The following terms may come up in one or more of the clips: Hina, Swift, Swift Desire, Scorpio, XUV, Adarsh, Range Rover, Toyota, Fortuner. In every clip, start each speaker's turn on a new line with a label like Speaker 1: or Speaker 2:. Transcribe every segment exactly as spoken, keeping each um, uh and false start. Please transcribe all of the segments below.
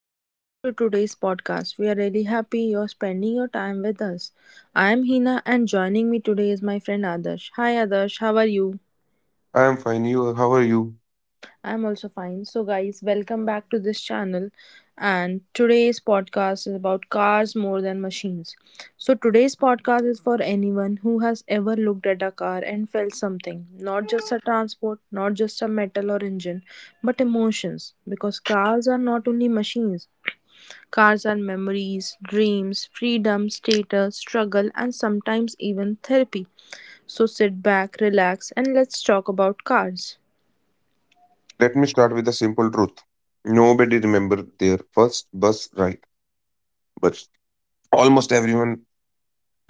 Speaker 1: and welcome to today's podcast. We are really happy you're spending your time with us. I am Hina, and joining me today is my friend Adarsh. Hi, Adarsh, how are you?
Speaker 2: I am fine. You, how are you?
Speaker 1: I'm also fine. So, guys, welcome back to this channel. And today's podcast is about cars more than machines. So, today's podcast is for anyone who has ever looked at a car and felt something, not just a transport, not just a metal or engine, but emotions. Because cars are not only machines. Cars are memories, dreams, freedom, status, struggle, and sometimes even therapy. So sit back, relax, and let's talk about cars.
Speaker 2: Let me start with a simple truth. Nobody remember their first bus ride, but almost everyone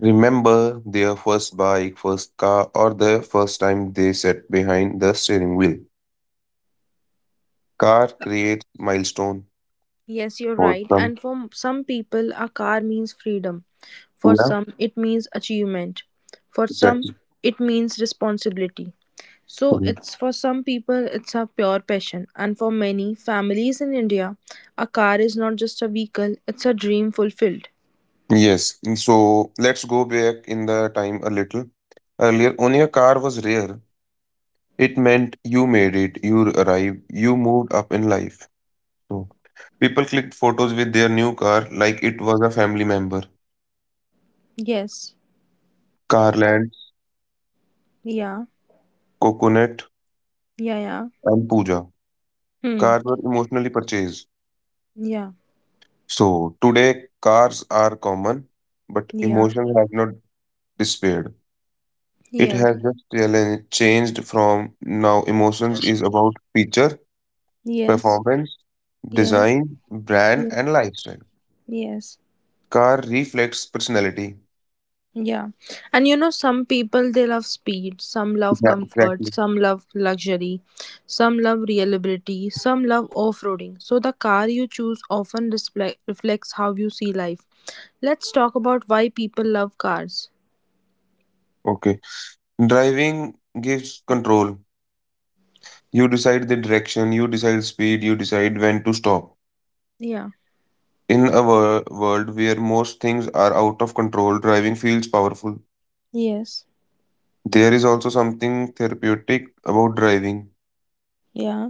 Speaker 2: remember their first bike, first car, or the first time they sat behind the steering wheel. Car creates milestone
Speaker 1: Yes, you're
Speaker 2: for
Speaker 1: right.
Speaker 2: some.
Speaker 1: And for some people, a car means freedom. For
Speaker 2: Yeah,
Speaker 1: some, it means achievement. For some,
Speaker 2: exactly.
Speaker 1: it means responsibility. So
Speaker 2: Mhm.
Speaker 1: it's for some people it's a pure passion, and for many families in India a car is not just a vehicle, it's a dream fulfilled.
Speaker 2: Yes. So let's go back in the time a little. Earlier, owning a car was rare. It meant you made it, you arrived, you moved up in life. So, people clicked photos with their new car like it was a family member.
Speaker 1: Yes.
Speaker 2: Carland,
Speaker 1: Yeah.
Speaker 2: Coconut,
Speaker 1: Yeah, yeah.
Speaker 2: and Pooja.
Speaker 1: Hmm.
Speaker 2: Cars were emotionally purchased.
Speaker 1: Yeah,
Speaker 2: So today, cars are common, but
Speaker 1: yeah,
Speaker 2: emotion has not disappeared. It
Speaker 1: yes,
Speaker 2: has just challenge- changed from now. Emotions is about feature,
Speaker 1: yes,
Speaker 2: performance,
Speaker 1: yes,
Speaker 2: design, brand,
Speaker 1: yeah,
Speaker 2: and lifestyle.
Speaker 1: yes,
Speaker 2: Car reflects personality.
Speaker 1: yeah. And you know, some people they love speed, some love
Speaker 2: Yeah,
Speaker 1: comfort,
Speaker 2: exactly.
Speaker 1: some love luxury, some love reliability, some love off roading. So, the car you choose often display- reflects how you see life. Let's talk about why people love cars.
Speaker 2: Okay. Driving gives control. You decide the direction, you decide speed, you decide when to stop.
Speaker 1: Yeah,
Speaker 2: In a wor- world where most things are out of control, driving feels powerful.
Speaker 1: yes,
Speaker 2: There is also something therapeutic about driving.
Speaker 1: yeah,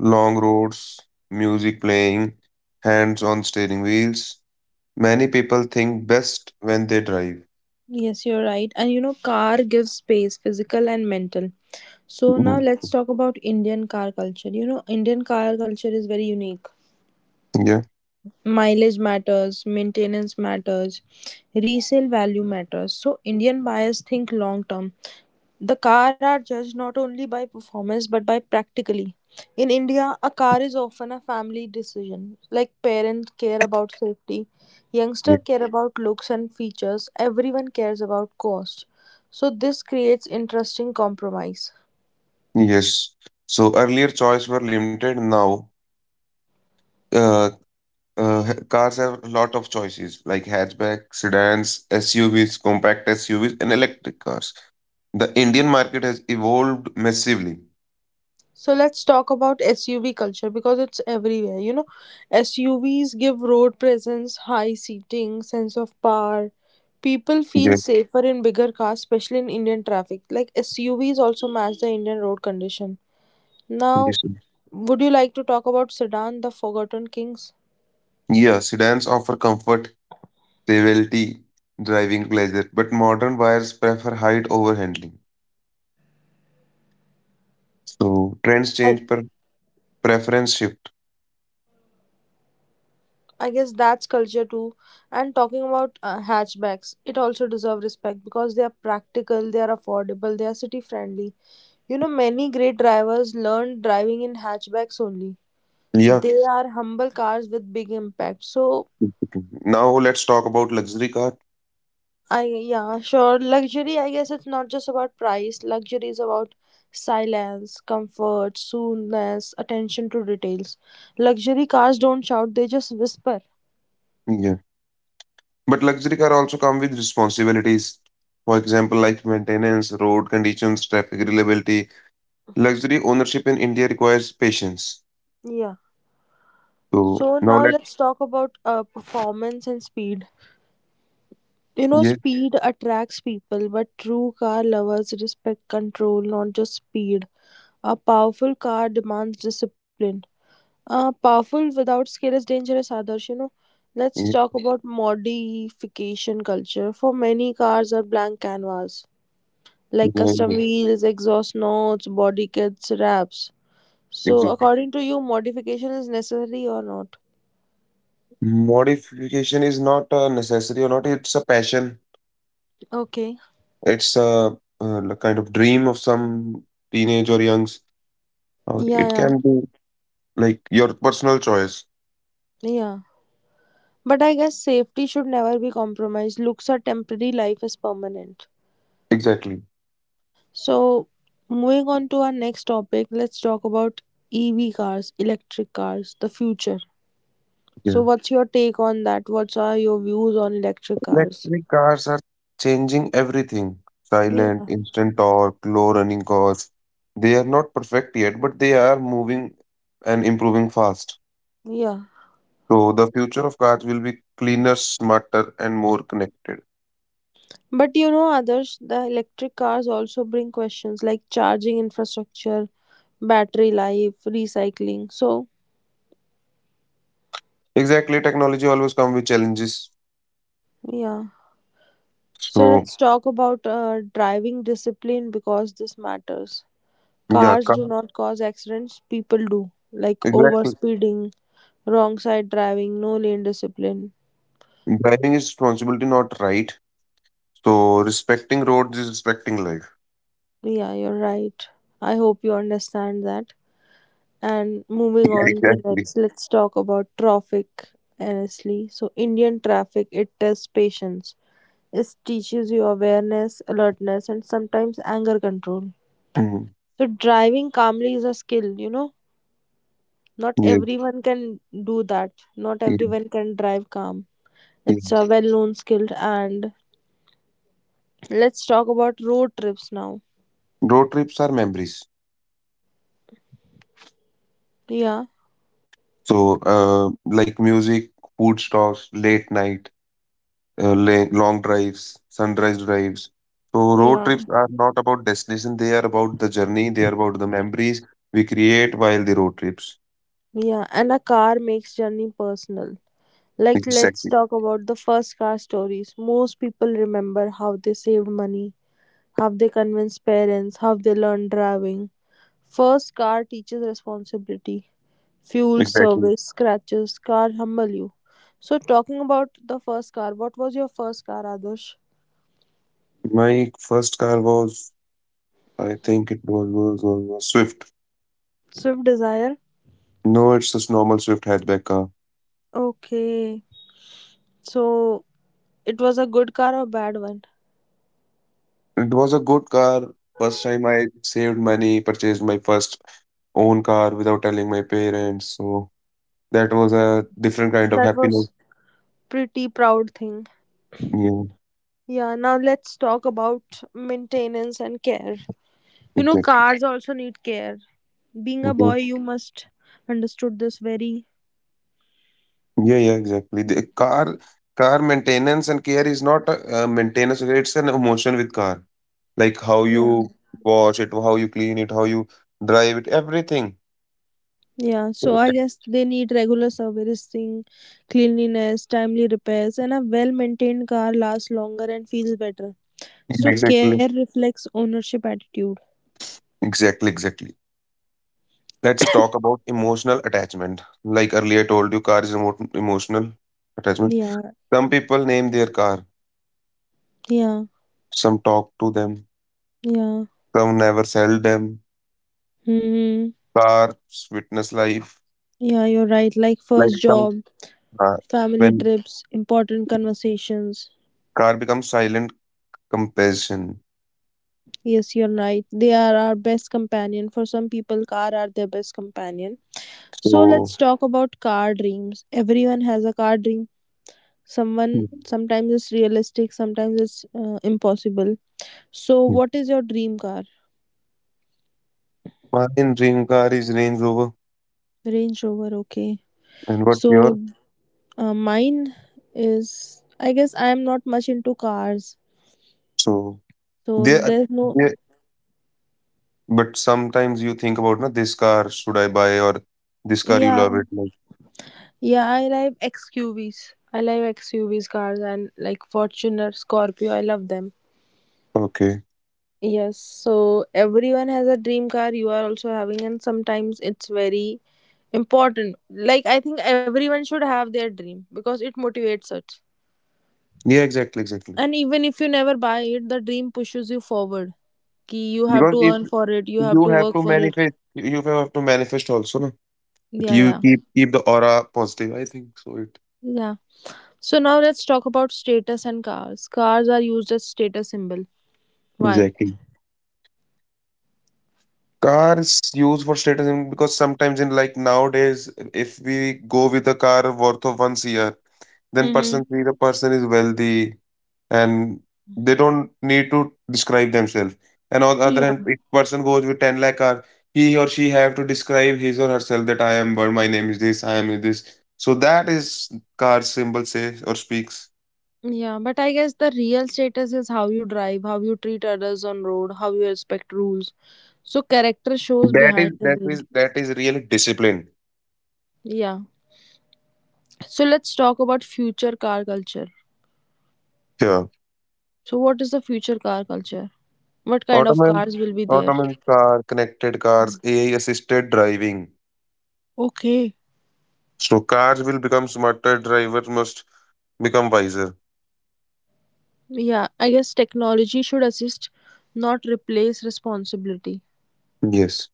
Speaker 2: Long roads, music playing, hands on steering wheels. Many people think best when they drive.
Speaker 1: yes, you're right. And you know, car gives space, physical and mental. So now
Speaker 2: Mm,
Speaker 1: let's talk about Indian car culture. You know, Indian car culture is very unique.
Speaker 2: yeah.
Speaker 1: Mileage matters, maintenance matters, resale value matters. So Indian buyers think long term. The car are judged not only by performance but by practically. In India, a car is often a family decision. Like parents care about safety,
Speaker 2: Yeah.
Speaker 1: youngster care about looks and features, everyone cares about cost. So this creates interesting compromise.
Speaker 2: Yes. So earlier choice were limited. Now, uh, Uh, ha- cars have a lot of choices like hatchback, sedans, S U Vs, compact S U Vs, and electric cars. The Indian market has evolved massively.
Speaker 1: So let's talk about S U V culture because it's everywhere. You know, S U Vs give road presence, high seating, sense of power. People feel
Speaker 2: Yeah,
Speaker 1: safer in bigger cars, especially in Indian traffic. Like S U Vs also match the Indian road condition.
Speaker 2: yes,
Speaker 1: Now,
Speaker 2: sir.
Speaker 1: would you like to talk about sedan, the forgotten kings?
Speaker 2: Yeah, sedans offer comfort, stability, driving pleasure, but modern buyers prefer height over handling. So trends
Speaker 1: I.
Speaker 2: change per preference shift.
Speaker 1: I guess that's culture too. And talking about uh, hatchbacks, it also deserves respect because they are practical, they are affordable, they are city friendly. You know, many great drivers learned driving in hatchbacks only.
Speaker 2: Yeah.
Speaker 1: They are humble cars with big impact. So,
Speaker 2: Now let's talk about luxury car.
Speaker 1: I yeah, sure. Luxury, I guess it's not just about price. Luxury is about silence, comfort, soothness, attention to details. Luxury cars don't shout, they just whisper.
Speaker 2: Yeah. But luxury car also come with responsibilities. For example, like maintenance, road conditions, traffic reliability. Luxury ownership in India requires patience.
Speaker 1: Yeah.
Speaker 2: So
Speaker 1: So
Speaker 2: now
Speaker 1: now
Speaker 2: let,
Speaker 1: let's talk about uh, performance and speed. You know,
Speaker 2: yes,
Speaker 1: speed attracts people, but true car lovers respect control, not just speed. A powerful car demands discipline. Uh, powerful without skill is dangerous, Adarsh. You know, let's
Speaker 2: yes,
Speaker 1: talk about modification culture. For many, cars are blank canvas,
Speaker 2: yeah,
Speaker 1: like
Speaker 2: yeah,
Speaker 1: custom wheels, exhaust notes, body kits, wraps. So,
Speaker 2: exactly.
Speaker 1: according to you, modification is necessary or not?
Speaker 2: Modification is not a necessity or not. It's a passion.
Speaker 1: Okay.
Speaker 2: It's a, uh like kind of dream of some teenage or youngs. Or
Speaker 1: Yeah,
Speaker 2: it
Speaker 1: yeah.
Speaker 2: can be like your personal choice.
Speaker 1: Yeah. But I guess safety should never be compromised. Looks are temporary, life is permanent.
Speaker 2: Exactly.
Speaker 1: So, moving on to our next topic, let's talk about E V cars, electric cars, the future.
Speaker 2: Yeah.
Speaker 1: So, what's your take on that? What are your views on electric cars?
Speaker 2: Electric cars are changing everything. Silent,
Speaker 1: Yeah.
Speaker 2: instant torque, low running costs. They are not perfect yet, but they are moving and improving fast.
Speaker 1: Yeah.
Speaker 2: So the future of cars will be cleaner, smarter, and more connected.
Speaker 1: But you know, others, the electric cars also bring questions like charging infrastructure, battery life, recycling. So,
Speaker 2: Exactly, technology always comes with challenges.
Speaker 1: yeah. So
Speaker 2: So
Speaker 1: let's talk about uh, driving discipline because this matters.
Speaker 2: yeah,
Speaker 1: Cars
Speaker 2: car,
Speaker 1: do not cause accidents, people do, like
Speaker 2: exactly.
Speaker 1: overspeeding, wrong side driving, no lane discipline.
Speaker 2: Driving is responsibility, not right. So respecting roads is respecting life.
Speaker 1: Yeah, you're right. I hope you understand that. And moving
Speaker 2: Yeah,
Speaker 1: on to
Speaker 2: exactly.
Speaker 1: next, let's talk about traffic. Honestly, so Indian traffic it tests patience. It teaches you awareness, alertness, and sometimes anger control.
Speaker 2: Mhm.
Speaker 1: So driving calmly is a skill, you know. Not
Speaker 2: Yes,
Speaker 1: everyone can do that. Not
Speaker 2: yes,
Speaker 1: everyone can drive calm. It's
Speaker 2: yes.
Speaker 1: a well known skill. And let's talk about road trips now.
Speaker 2: Road trips are memories.
Speaker 1: Yeah,
Speaker 2: So, uh, like music, food stops, late night, uh, la long drives, sunrise drives. So, road trips
Speaker 1: yeah,
Speaker 2: are not about destination, they are about the journey, they are about the memories we create while the road trips.
Speaker 1: yeah. And a car makes journey personal. Like, let's
Speaker 2: Exactly,
Speaker 1: talk about the first car stories. Most people remember how they saved money, how they convinced parents, how they learned driving. First car teaches responsibility. Fuel,
Speaker 2: exactly.
Speaker 1: service, scratches, car humble you. So, talking about the first car, what was your first car, Adarsh?
Speaker 2: My first car was, I think it was, was, was, was Swift.
Speaker 1: Swift Desire.
Speaker 2: No, it's just normal Swift hatchback car.
Speaker 1: Okay. So, it was a good car or bad one?
Speaker 2: It was a good car. First time I saved money, purchased my first own car without telling my parents. So that was a different kind of
Speaker 1: That
Speaker 2: happiness.
Speaker 1: was pretty proud thing.
Speaker 2: Yeah.
Speaker 1: Yeah, now let's talk about maintenance and care. You know,
Speaker 2: Okay.
Speaker 1: cars also need care. Being a
Speaker 2: Okay.
Speaker 1: boy, you must understood this very.
Speaker 2: Yeah, yeah, exactly. The car car maintenance and care is not a, a maintenance, it's an emotion with car. Like how
Speaker 1: Yeah.
Speaker 2: you wash it, how you clean it, how you drive it, everything.
Speaker 1: Yeah,
Speaker 2: Yeah,
Speaker 1: so I guess they need regular servicing, cleanliness, timely repairs, and a well maintained car lasts longer and feels better. So care
Speaker 2: exactly.
Speaker 1: reflects ownership attitude.
Speaker 2: Exactly, exactly. Let's talk about emotional attachment. Like earlier I told you, car is emo emotional attachment.
Speaker 1: Yeah,
Speaker 2: Some people name their car,
Speaker 1: yeah,
Speaker 2: some talk to them,
Speaker 1: yeah.
Speaker 2: some never sell them.
Speaker 1: Hmm.
Speaker 2: Cars witness life
Speaker 1: Yeah, you're right. Like
Speaker 2: like
Speaker 1: first
Speaker 2: some,
Speaker 1: job,
Speaker 2: uh,
Speaker 1: family
Speaker 2: when
Speaker 1: trips, important conversations.
Speaker 2: car becomes silent comparison.
Speaker 1: Yes, you're right. They are our best companion. For some people, car are their best companion. So
Speaker 2: So
Speaker 1: let's talk about car dreams. Everyone has a car dream,
Speaker 2: hmm.
Speaker 1: someone sometimes it's realistic, sometimes it's uh, impossible. So
Speaker 2: Hmm.
Speaker 1: what is your dream car?
Speaker 2: Mine dream car is Range Rover,
Speaker 1: Range Rover, okay.
Speaker 2: and what
Speaker 1: So
Speaker 2: your,
Speaker 1: uh, mine is, I guess I am not much into cars,
Speaker 2: so
Speaker 1: so
Speaker 2: they
Speaker 1: there's no.
Speaker 2: they. But sometimes you think about na this car should I buy or this car you
Speaker 1: Yeah,
Speaker 2: love it, like
Speaker 1: yeah, I like XQVs. I like XQVs cars, and like Fortuner, Scorpio, I love them.
Speaker 2: okay,
Speaker 1: Yes, so everyone has a dream car, you are also having, and sometimes it's very important. Like I think everyone should have their dream because it motivates us.
Speaker 2: yeah, exactly, exactly,
Speaker 1: And even if you never buy it, the dream pushes you forward. Ki you have
Speaker 2: because
Speaker 1: to
Speaker 2: if
Speaker 1: earn for it, you have
Speaker 2: you
Speaker 1: to
Speaker 2: have
Speaker 1: work
Speaker 2: to
Speaker 1: for it.
Speaker 2: manifest you have to manifest also, no, but
Speaker 1: Yeah,
Speaker 2: you
Speaker 1: yeah.
Speaker 2: keep keep the aura positive, I think so it,
Speaker 1: Yeah. So now let's talk about status and cars. Cars are used as status symbol. Why?
Speaker 2: exactly. Car is used for status, in- because sometimes in like nowadays, if we go with a car worth of one year, then
Speaker 1: Mm-hmm.
Speaker 2: person see the person is wealthy and they don't need to describe themselves. And on the other
Speaker 1: Yeah.
Speaker 2: hand, if person goes with ten lakh car, he or she have to describe his or herself that I am what, my name is this, I am this. So that is car symbol says or speaks.
Speaker 1: Yeah, but I guess the real status is how you drive, how you treat others on road, how you respect rules. So character shows
Speaker 2: That is
Speaker 1: behind the
Speaker 2: that
Speaker 1: wheel.
Speaker 2: is that is real discipline.
Speaker 1: Yeah. So let's talk about future car culture.
Speaker 2: Yeah.
Speaker 1: So, what is the future car culture? What kind of
Speaker 2: Autonomous,
Speaker 1: cars will be there?
Speaker 2: autonomous car, connected cars, A I assisted driving.
Speaker 1: Okay.
Speaker 2: So cars will become smarter, drivers must become wiser.
Speaker 1: Yeah, I guess technology should assist, not replace responsibility.
Speaker 2: Yes.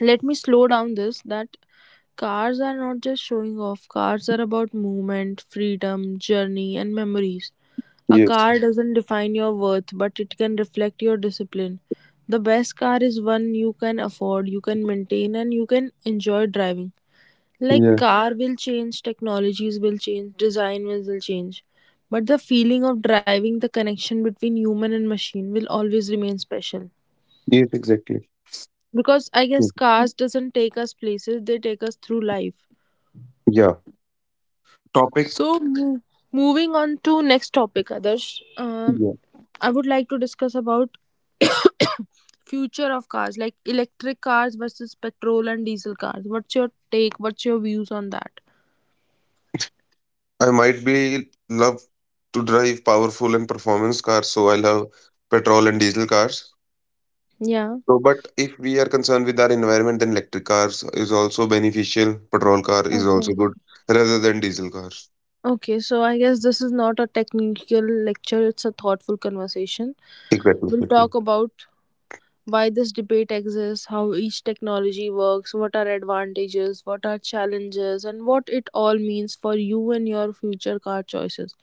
Speaker 1: Let me slow down this that cars are not just showing off, cars are about movement, freedom, journey, and memories. A
Speaker 2: Yes.
Speaker 1: car doesn't define your worth, but it can reflect your discipline. The best car is one you can afford, you can maintain, and you can enjoy driving. Like
Speaker 2: Yeah.
Speaker 1: car will change, technologies will change, design will will change. But the feeling of driving, the connection between human and machine, will always remain special.
Speaker 2: Yes, exactly.
Speaker 1: Because I
Speaker 2: Mm.
Speaker 1: guess cars doesn't take us places, they take us through life.
Speaker 2: Yeah. Topic.
Speaker 1: So mo- moving on to next topic, Adarsh. Um,
Speaker 2: Yeah.
Speaker 1: I would like to discuss about future of cars, like electric cars versus petrol and diesel cars. What's your take? What's your views on that?
Speaker 2: I might be love to drive powerful and performance cars, so I love petrol and diesel cars.
Speaker 1: Yeah.
Speaker 2: So, but if we are concerned with our environment, then electric cars is also beneficial. Petrol car is also
Speaker 1: Okay.
Speaker 2: good, rather than diesel cars.
Speaker 1: Okay, so I guess this is not a technical lecture, it's a thoughtful conversation.
Speaker 2: Exactly,
Speaker 1: We'll
Speaker 2: exactly.
Speaker 1: talk about why this debate exists, how each technology works, what are advantages, what are challenges, and what it all means for you and your future car choices.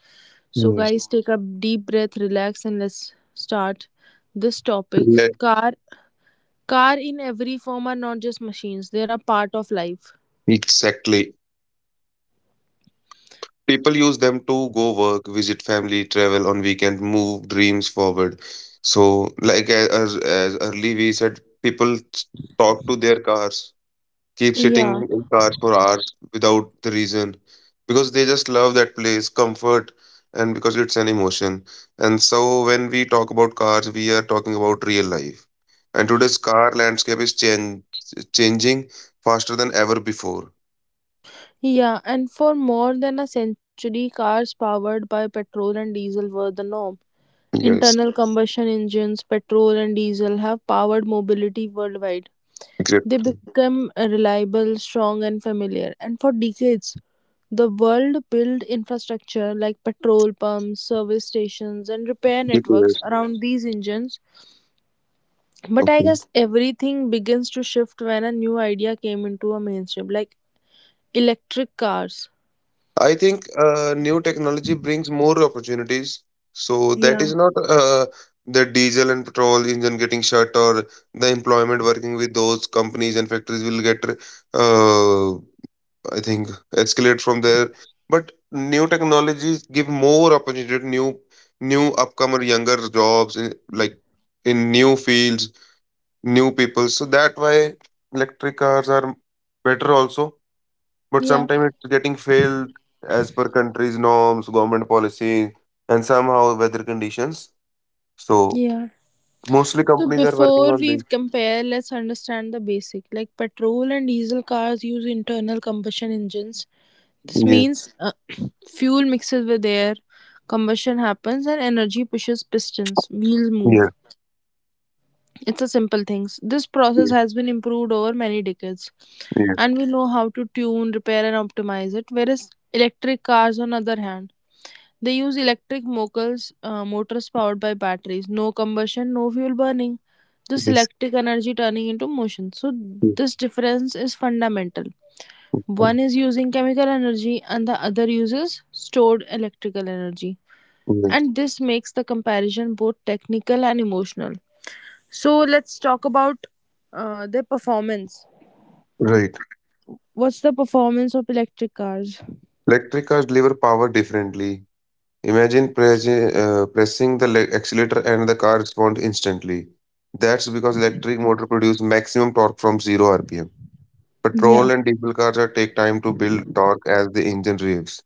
Speaker 1: So,
Speaker 2: Yes.
Speaker 1: guys, take a deep breath, relax, and let's start this topic. Car, car in every form are not just machines; they are a part of life.
Speaker 2: Exactly. People use them to go work, visit family, travel on weekend, move dreams forward. So, like as, as as early we said, people s- talk to their cars, keep sitting
Speaker 1: Yeah.
Speaker 2: in cars for hours without the reason, because they just love that place, comfort, and because it's an emotion. And so, when we talk about cars, we are talking about real life. And today's car landscape is change, changing faster than ever before.
Speaker 1: Yeah, and for more than a century, cars powered by petrol and diesel were the norm.
Speaker 2: Yes,
Speaker 1: Internal combustion engines, petrol and diesel, have powered mobility worldwide. They
Speaker 2: exactly.
Speaker 1: become reliable, strong, and familiar. And for decades, the world built infrastructure like petrol pumps, service stations, and repair networks around these engines. But I
Speaker 2: Okay.
Speaker 1: guess everything begins to shift when a new idea came into a mainstream, like electric cars.
Speaker 2: I think, uh, new technology brings more opportunities. So that is not, uh, the diesel and petrol engine getting shut or the employment working with those companies and factories will get, uh, I think, escalate from there. But new technologies give more opportunity, to new, new upcomer younger jobs in, like in new fields, new people. So that why electric cars are better also. But
Speaker 1: Yeah,
Speaker 2: sometimes it's getting failed as per country's norms, government policy, and somehow weather conditions. So
Speaker 1: yeah.
Speaker 2: mostly
Speaker 1: So
Speaker 2: companies are working
Speaker 1: before
Speaker 2: on
Speaker 1: we
Speaker 2: this.
Speaker 1: compare, let's understand the basic. Like petrol and diesel cars use internal combustion engines. This
Speaker 2: Yeah,
Speaker 1: means uh, fuel mixes with air, combustion happens, and energy pushes pistons. Wheels
Speaker 2: yeah,
Speaker 1: move. It's a simple thing. This process
Speaker 2: yeah,
Speaker 1: has been improved over many decades,
Speaker 2: yeah,
Speaker 1: and we know how to tune, repair, and optimize it. Whereas electric cars, on other hand, they use electric motors, uh, motors powered by batteries. No combustion, no fuel burning, just
Speaker 2: yes,
Speaker 1: electric energy turning into motion. So,
Speaker 2: yes,
Speaker 1: this difference is fundamental.
Speaker 2: oh,
Speaker 1: One is using chemical energy, and the other uses stored electrical energy.
Speaker 2: yes.
Speaker 1: And this makes the comparison both technical and emotional. So, let's talk about uh, their performance.
Speaker 2: Right.
Speaker 1: What's the performance of electric cars?
Speaker 2: Electric cars deliver power differently. Imagine pressing, uh, pressing the le- accelerator, and the car responds instantly. That's because electric motor produce maximum torque from zero R P M.
Speaker 1: Yeah.
Speaker 2: Petrol and diesel cars are take time to build torque as the engine revs.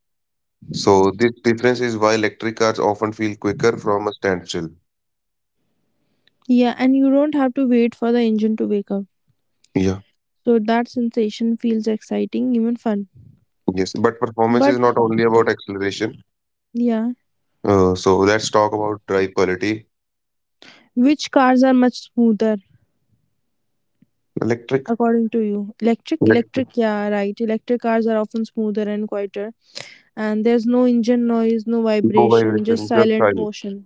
Speaker 2: So this difference is why electric cars often feel quicker from a standstill.
Speaker 1: Yeah, and you don't have to wait for the engine to wake up.
Speaker 2: Yeah,
Speaker 1: So that sensation feels exciting, even fun.
Speaker 2: yes. But performance is
Speaker 1: But
Speaker 2: not only about acceleration.
Speaker 1: yeah,
Speaker 2: Uh, so let's talk about drive quality.
Speaker 1: which cars are much smoother
Speaker 2: Electric,
Speaker 1: according to you? Electric,
Speaker 2: electric,
Speaker 1: electric, yeah, right. Electric cars are often smoother and quieter, and there's no engine noise, no
Speaker 2: no
Speaker 1: vibration, just
Speaker 2: vibration, just
Speaker 1: silent
Speaker 2: silence.
Speaker 1: motion.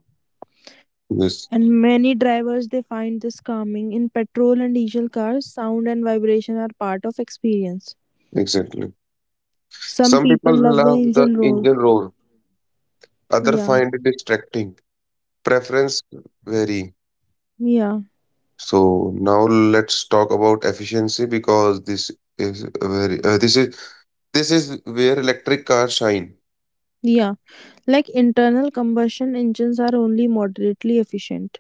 Speaker 2: Yes,
Speaker 1: And many drivers they find this calming. In petrol and diesel cars, sound and vibration are part of experience.
Speaker 2: exactly.
Speaker 1: Some
Speaker 2: Some
Speaker 1: people
Speaker 2: people
Speaker 1: love the
Speaker 2: love the
Speaker 1: engine roar.
Speaker 2: engine roar, others
Speaker 1: Yeah,
Speaker 2: find it distracting. Preference vary.
Speaker 1: yeah.
Speaker 2: So now let's talk about efficiency because this is a very uh, this is this is where electric cars shine.
Speaker 1: Yeah, like internal combustion engines are only moderately efficient.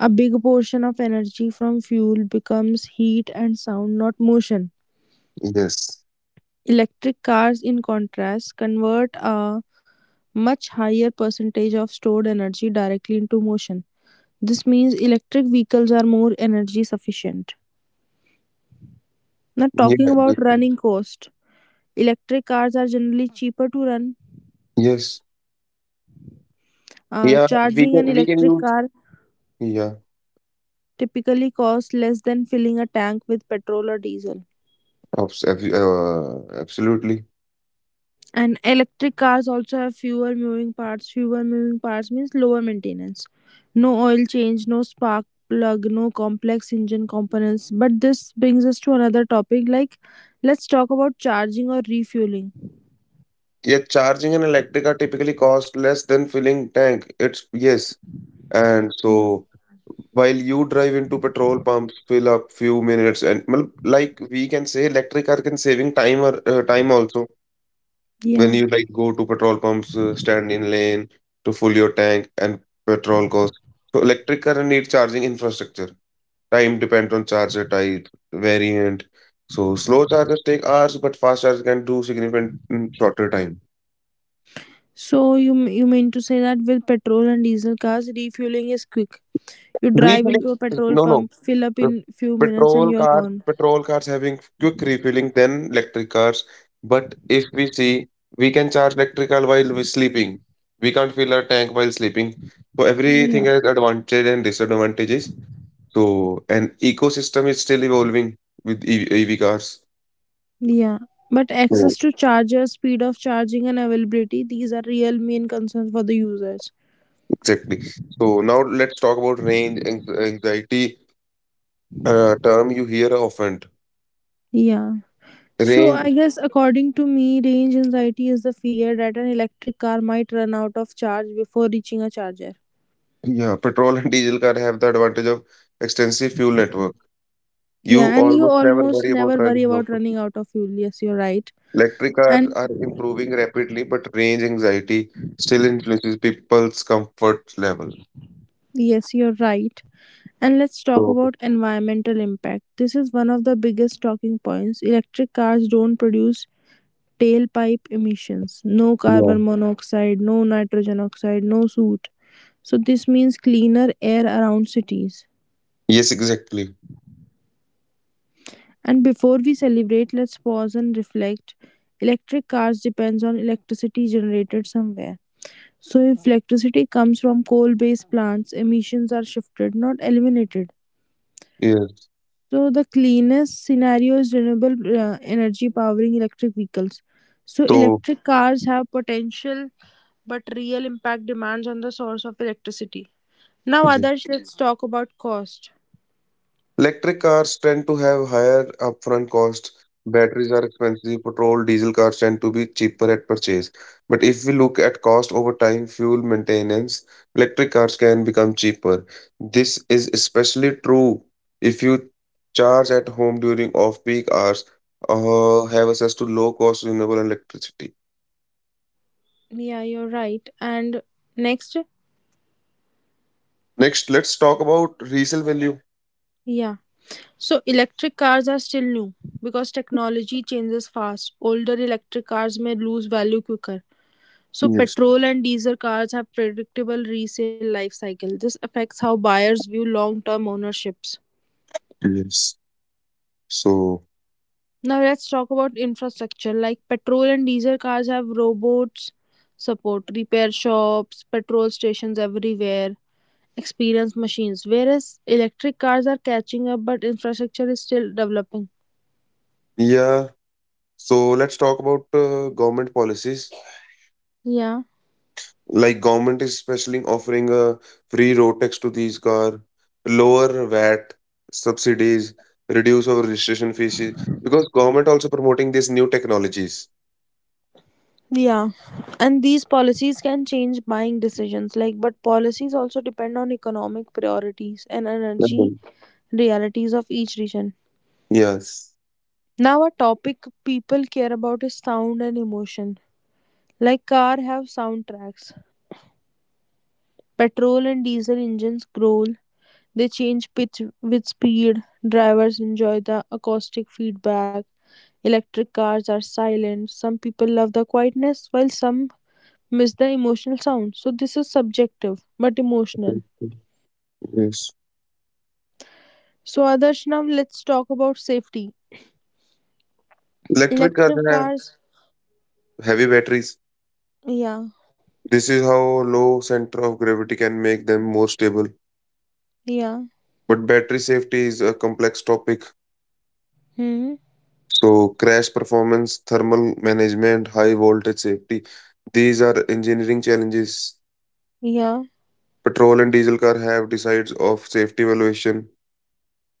Speaker 1: A big portion of energy from fuel becomes heat and sound, not motion.
Speaker 2: Yes.
Speaker 1: Electric cars, in contrast, convert a much higher percentage of stored energy directly into motion. This means electric vehicles are more energy sufficient. Now,
Speaker 2: Yeah.
Speaker 1: talking about running cost, electric cars are generally cheaper to run.
Speaker 2: Yes.
Speaker 1: Uh,
Speaker 2: Yeah, we
Speaker 1: charging
Speaker 2: can
Speaker 1: an
Speaker 2: we can
Speaker 1: electric
Speaker 2: use,
Speaker 1: car
Speaker 2: yeah,
Speaker 1: typically cost less than filling a tank with petrol or diesel.
Speaker 2: abs- ab- uh, absolutely.
Speaker 1: And electric cars also have fewer moving parts. Fewer moving parts means lower maintenance. No oil change, no spark plug, no complex engine components. But this brings us to another topic, like let's talk about charging or refueling.
Speaker 2: Yeah, charging an electric are typically cost less than filling tank. It's yes. And
Speaker 1: Yeah.
Speaker 2: so while you drive into petrol pumps, fill up few minutes and well, like we can say electric car can saving time or, uh, time also when
Speaker 1: Yeah.
Speaker 2: you like go to petrol pumps, uh, stand in lane to fill your tank and petrol cost. So electric car need charging infrastructure. Time depends on charger type, variant. So slow chargers take hours, but fast chargers can do significant in shorter time.
Speaker 1: So you m- you mean to say that with petrol and diesel cars, refueling is quick. You drive
Speaker 2: Refilling?
Speaker 1: into a petrol
Speaker 2: No, no.
Speaker 1: pump, fill up
Speaker 2: Uh,
Speaker 1: in few minutes, and
Speaker 2: Petrol
Speaker 1: you're
Speaker 2: cars,
Speaker 1: gone.
Speaker 2: petrol cars having quick refilling than electric cars. But if we see, we can charge electric car while we're sleeping. We can't fill our tank while sleeping. So
Speaker 1: Yeah.
Speaker 2: everything has advantage and disadvantages. So an ecosystem is still evolving with E V cars.
Speaker 1: Yeah, but access to charger, speed of charging, and availability, these are real main concerns for the users.
Speaker 2: Exactly. So now let's talk about range anx- anxiety, uh, term you hear often.
Speaker 1: Yeah. So
Speaker 2: Range,
Speaker 1: I guess according to me, range anxiety is the fear that an electric car might run out of charge before reaching a charger.
Speaker 2: yeah. Petrol and diesel car have the advantage of extensive fuel network. You
Speaker 1: Yeah, and you
Speaker 2: almost never
Speaker 1: almost
Speaker 2: worry about
Speaker 1: never worry
Speaker 2: running out.
Speaker 1: about running out of fuel. Yes, you're right.
Speaker 2: Electric cars
Speaker 1: And
Speaker 2: are improving rapidly, but range anxiety still influences people's comfort level.
Speaker 1: yes, you're right. And let's talk
Speaker 2: So,
Speaker 1: about environmental impact. This is one of the biggest talking points. Electric cars don't produce tailpipe emissions, no
Speaker 2: yeah.
Speaker 1: carbon monoxide, no nitrogen oxide, no soot, so this means cleaner air around cities.
Speaker 2: Yes, exactly.
Speaker 1: And before we celebrate, let's pause and reflect. Electric cars depends on electricity generated somewhere, so if electricity comes from coal based plants, emissions are shifted, not eliminated.
Speaker 2: Yes.
Speaker 1: So the cleanest scenario is renewable uh, energy powering electric vehicles. So
Speaker 2: So,
Speaker 1: electric cars have potential, but real impact demands on the source of electricity. Now,
Speaker 2: yeah.
Speaker 1: others, let's talk about cost.
Speaker 2: Electric cars tend to have higher upfront costs. Batteries are expensive. Petrol, diesel cars tend to be cheaper at purchase. But if we look at cost over time, fuel maintenance, electric cars can become cheaper. This is especially true if you charge at home during off-peak hours or have access to low-cost renewable electricity.
Speaker 1: Yeah, you're right. And next,
Speaker 2: Next, let's talk about resale value.
Speaker 1: yeah. So electric cars are still new because technology changes fast. Older electric cars may lose value quicker. So
Speaker 2: Yes,
Speaker 1: petrol and diesel cars have predictable resale life cycle. This affects how buyers view long-term ownerships.
Speaker 2: yes. So,
Speaker 1: Now let's talk about infrastructure. Like petrol and diesel cars have robots support, repair shops, petrol stations everywhere, experience machines. Whereas electric cars are catching up, but infrastructure is still developing.
Speaker 2: yeah, so let's talk about, uh, government policies.
Speaker 1: Yeah.
Speaker 2: Like government is especially offering a free road tax to these car, lower vat subsidies, reduce our registration fees, because government also promoting these new technologies.
Speaker 1: Yeah. And these policies can change buying decisions. Like, but policies also depend on economic priorities and energy
Speaker 2: Mhm.
Speaker 1: realities of each region.
Speaker 2: Yes,
Speaker 1: Now, a topic people care about is sound and emotion. Like, car have soundtracks. Petrol and diesel engines growl, they change pitch with speed, drivers enjoy the acoustic feedback, electric cars are silent, some people love the quietness while some miss the emotional sound. So this is subjective but emotional.
Speaker 2: yes.
Speaker 1: So Adarsh, now let's talk about safety.
Speaker 2: Electric cars
Speaker 1: Electric
Speaker 2: have
Speaker 1: cars,
Speaker 2: heavy batteries,
Speaker 1: yeah,
Speaker 2: this is how low center of gravity can make them more stable,
Speaker 1: yeah,
Speaker 2: but battery safety is a complex topic.
Speaker 1: hmm,
Speaker 2: So crash performance, thermal management, high voltage safety, these are engineering challenges.
Speaker 1: yeah,
Speaker 2: Petrol and diesel car have decides of safety evaluation.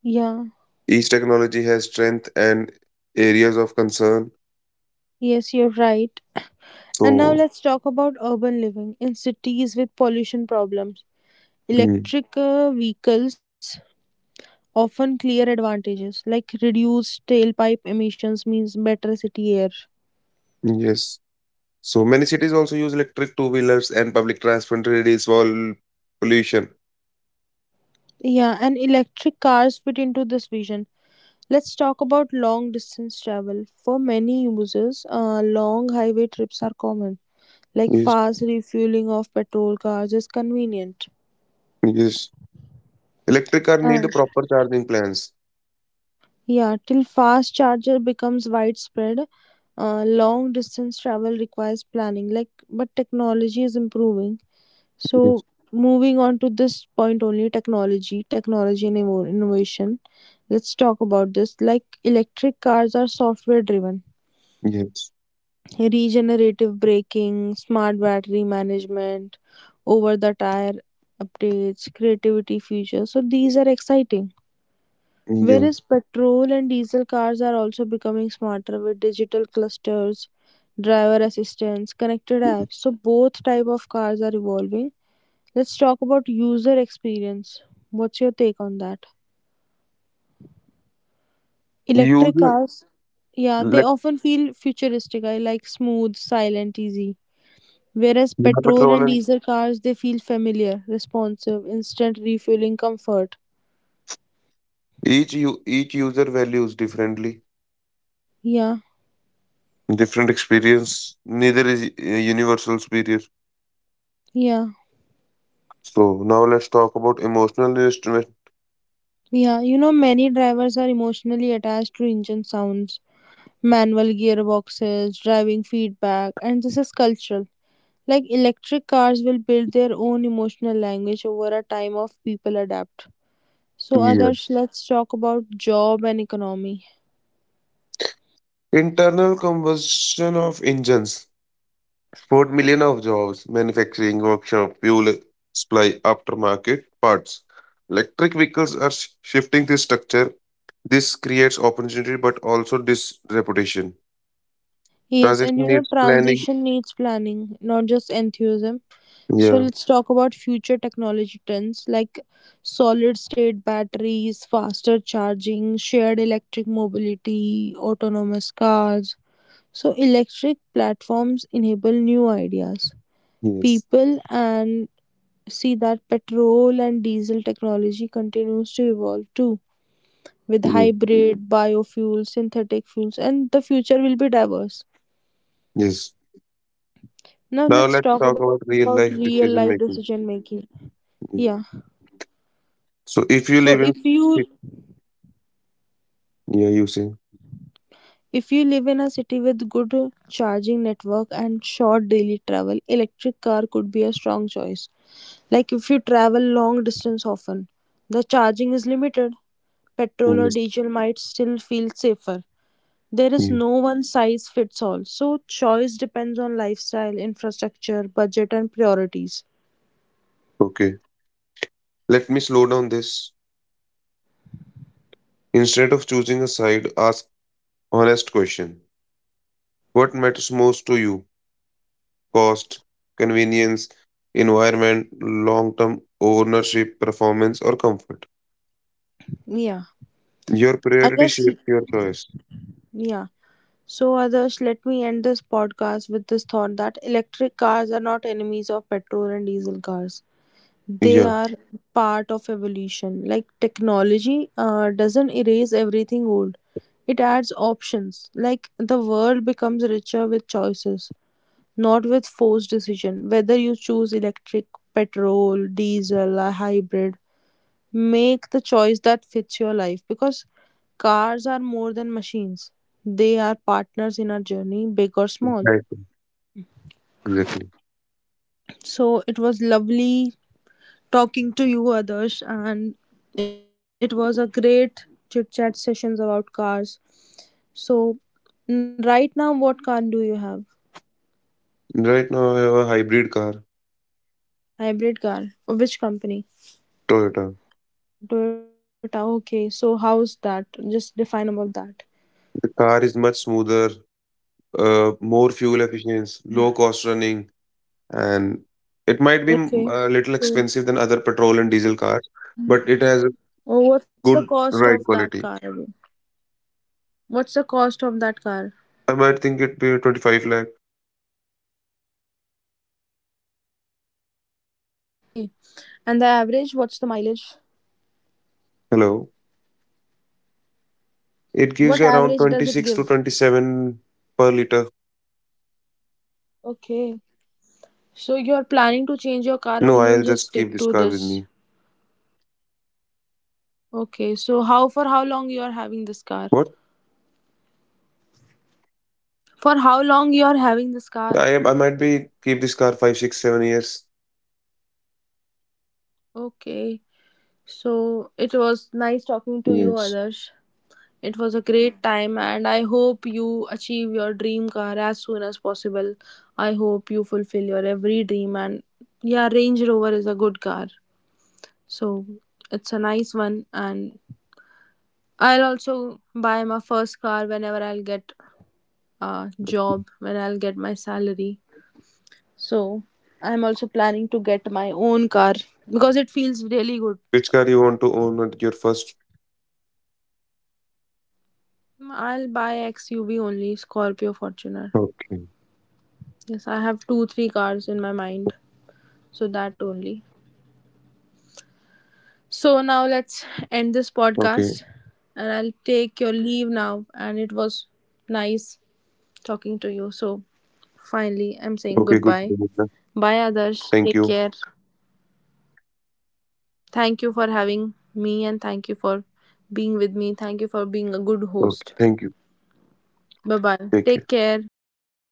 Speaker 1: yeah,
Speaker 2: Each technology has strength and areas of concern.
Speaker 1: yes, you're right. And now
Speaker 2: So,
Speaker 1: let's talk about urban living in cities with pollution problems.
Speaker 2: hmm,
Speaker 1: Electric uh, vehicles often clear advantages like reduced tailpipe emissions means better city air.
Speaker 2: yes. So many cities also use electric two-wheelers and public transport to reduce vol- pollution.
Speaker 1: Yeah, and electric cars fit into this vision. Let's talk about long distance travel. For many users, uh, long highway trips are common. Like
Speaker 2: Yes,
Speaker 1: fast refueling of petrol cars is convenient.
Speaker 2: yes. Electric car need
Speaker 1: Uh,
Speaker 2: the proper charging plans.
Speaker 1: yeah, till fast charger becomes widespread, uh, long distance travel requires planning. Like, but technology is improving.
Speaker 2: Yes,
Speaker 1: So, moving on to this point only, technology, technology and inno- innovation. Let's talk about this. Like electric cars are software driven,
Speaker 2: yes,
Speaker 1: regenerative braking, smart battery management, over the tire updates, creativity features. So, these are exciting.
Speaker 2: yeah.
Speaker 1: Whereas petrol and diesel cars are also becoming smarter with digital clusters, driver assistance, connected apps. So both type of cars are evolving. Let's talk about user experience. What's your take on that? Electric
Speaker 2: User,
Speaker 1: cars, yeah, they
Speaker 2: like,
Speaker 1: often feel futuristic. I like smooth, silent, easy. Whereas
Speaker 2: yeah,
Speaker 1: petrol
Speaker 2: petrol
Speaker 1: and
Speaker 2: and
Speaker 1: diesel cars, they feel familiar, responsive, instant refueling comfort.
Speaker 2: each u- each user values differently,
Speaker 1: Yeah,
Speaker 2: different experience. Neither is, uh, universal superior.
Speaker 1: yeah,
Speaker 2: So now let's talk about emotional investment.
Speaker 1: yeah. You know, many drivers are emotionally attached to engine sounds, manual gearboxes, driving feedback, and this is cultural. Like electric cars will build their own emotional language over a time of people adapt. So,
Speaker 2: Yeah.
Speaker 1: Adarsh, let's talk about job and economy.
Speaker 2: Internal combustion of engines, four million of jobs, manufacturing, workshop, fuel supply, aftermarket, parts. Electric vehicles are sh- shifting this structure. This creates opportunity but also disreputation.
Speaker 1: Yes, and
Speaker 2: Transaction
Speaker 1: you know,
Speaker 2: needs planning.
Speaker 1: transition needs planning, not just enthusiasm. So,
Speaker 2: Yeah,
Speaker 1: let's talk about future technology trends like solid state batteries, faster charging, shared electric mobility, autonomous cars. So, electric platforms enable new ideas.
Speaker 2: yes,
Speaker 1: People and see that petrol and diesel technology continues to evolve too, with
Speaker 2: yeah,
Speaker 1: hybrid, biofuels, synthetic fuels, and the future will be diverse.
Speaker 2: yes.
Speaker 1: Now
Speaker 2: Now
Speaker 1: let's
Speaker 2: let's
Speaker 1: talk
Speaker 2: talk
Speaker 1: about
Speaker 2: about real
Speaker 1: real
Speaker 2: life
Speaker 1: life
Speaker 2: decision
Speaker 1: decision
Speaker 2: making.
Speaker 1: making. Yeah.
Speaker 2: Yeah. So if
Speaker 1: So
Speaker 2: you live
Speaker 1: if
Speaker 2: in,
Speaker 1: you
Speaker 2: yeah, you say,
Speaker 1: if you live in a city with good charging network and short daily travel, electric car could be a strong choice. Like if you travel long distance often, the charging is limited. Petrol or
Speaker 2: yes,
Speaker 1: diesel might still feel safer. There is
Speaker 2: yeah,
Speaker 1: no one size fits all. So choice depends on lifestyle, infrastructure, budget and priorities.
Speaker 2: okay. Let me slow down this. Instead of choosing a side, ask honest question. What matters most to you? Cost, convenience, environment, long-term ownership, performance, or comfort?
Speaker 1: Yeah.
Speaker 2: Your
Speaker 1: I
Speaker 2: priority
Speaker 1: guess,
Speaker 2: shapes your choice.
Speaker 1: yeah. So, others, let me end this podcast with this thought that electric cars are not enemies of petrol and diesel cars. They
Speaker 2: Yeah,
Speaker 1: are part of evolution. Like technology uh, doesn't erase everything old, it adds options. Like the world becomes richer with choices, not with forced decision. Whether you choose electric, petrol, diesel, a hybrid, make the choice that fits your life, because cars are more than machines. They are partners in our journey, big or small.
Speaker 2: exactly. Exactly.
Speaker 1: So it was lovely talking to you, Adarsh, and it was a great chit chat sessions about cars. So right now, what car do you have?
Speaker 2: Right now, I have a hybrid car,
Speaker 1: Hybrid car. Which company?
Speaker 2: Toyota.
Speaker 1: Toyota. Okay. So how's that? Just define about that.
Speaker 2: The car is much smoother, uh, more fuel efficient, low cost running, and it might be, mm,
Speaker 1: Okay.
Speaker 2: a little
Speaker 1: So,
Speaker 2: expensive than other petrol and diesel cars, but it has
Speaker 1: oh, what's the
Speaker 2: good
Speaker 1: cost
Speaker 2: ride
Speaker 1: of that
Speaker 2: quality.
Speaker 1: car? What's the cost of that car?
Speaker 2: I might think it be twenty-five lakh.
Speaker 1: Okay. And the average, what's the mileage?
Speaker 2: Hello.
Speaker 1: What average does it
Speaker 2: It gives you
Speaker 1: give?
Speaker 2: around twenty-six to twenty-seven per liter.
Speaker 1: Okay. So you're planning to change your car or you'll just
Speaker 2: No, I'll
Speaker 1: stick to
Speaker 2: just keep this
Speaker 1: this?
Speaker 2: car with me.
Speaker 1: Okay. So how for how long you are having this car?
Speaker 2: What?
Speaker 1: For how long you are having this car?
Speaker 2: I am. I might be keep this car five, six, seven years.
Speaker 1: Okay. So it was nice talking to you,
Speaker 2: Yes.
Speaker 1: Adarsh. It was a great time and I hope you achieve your dream car as soon as possible. I hope you fulfill your every dream and yeah, Range Rover is a good car. So it's a nice one, and I'll also buy my first car whenever I'll get a job, when I'll get my salary. So I'm also planning to get my own car because it feels really good.
Speaker 2: Which car you want to own at your first?
Speaker 1: I'll buy X U V only, Scorpio Fortuner.
Speaker 2: Okay.
Speaker 1: Yes, I have two, three cars in my mind, so that only. So now let's end this
Speaker 2: Okay.
Speaker 1: podcast and I'll take your leave now. And it was nice talking to you. So finally, I'm saying
Speaker 2: Okay. Good.
Speaker 1: goodbye. Bye, Adarsh.
Speaker 2: Thank
Speaker 1: Take
Speaker 2: you.
Speaker 1: care. Thank you for having me and thank you for being with me. Thank you for being a good
Speaker 2: Okay.
Speaker 1: host.
Speaker 2: Thank you.
Speaker 1: Bye bye.
Speaker 2: Take
Speaker 1: Take
Speaker 2: care.
Speaker 1: care. Good night.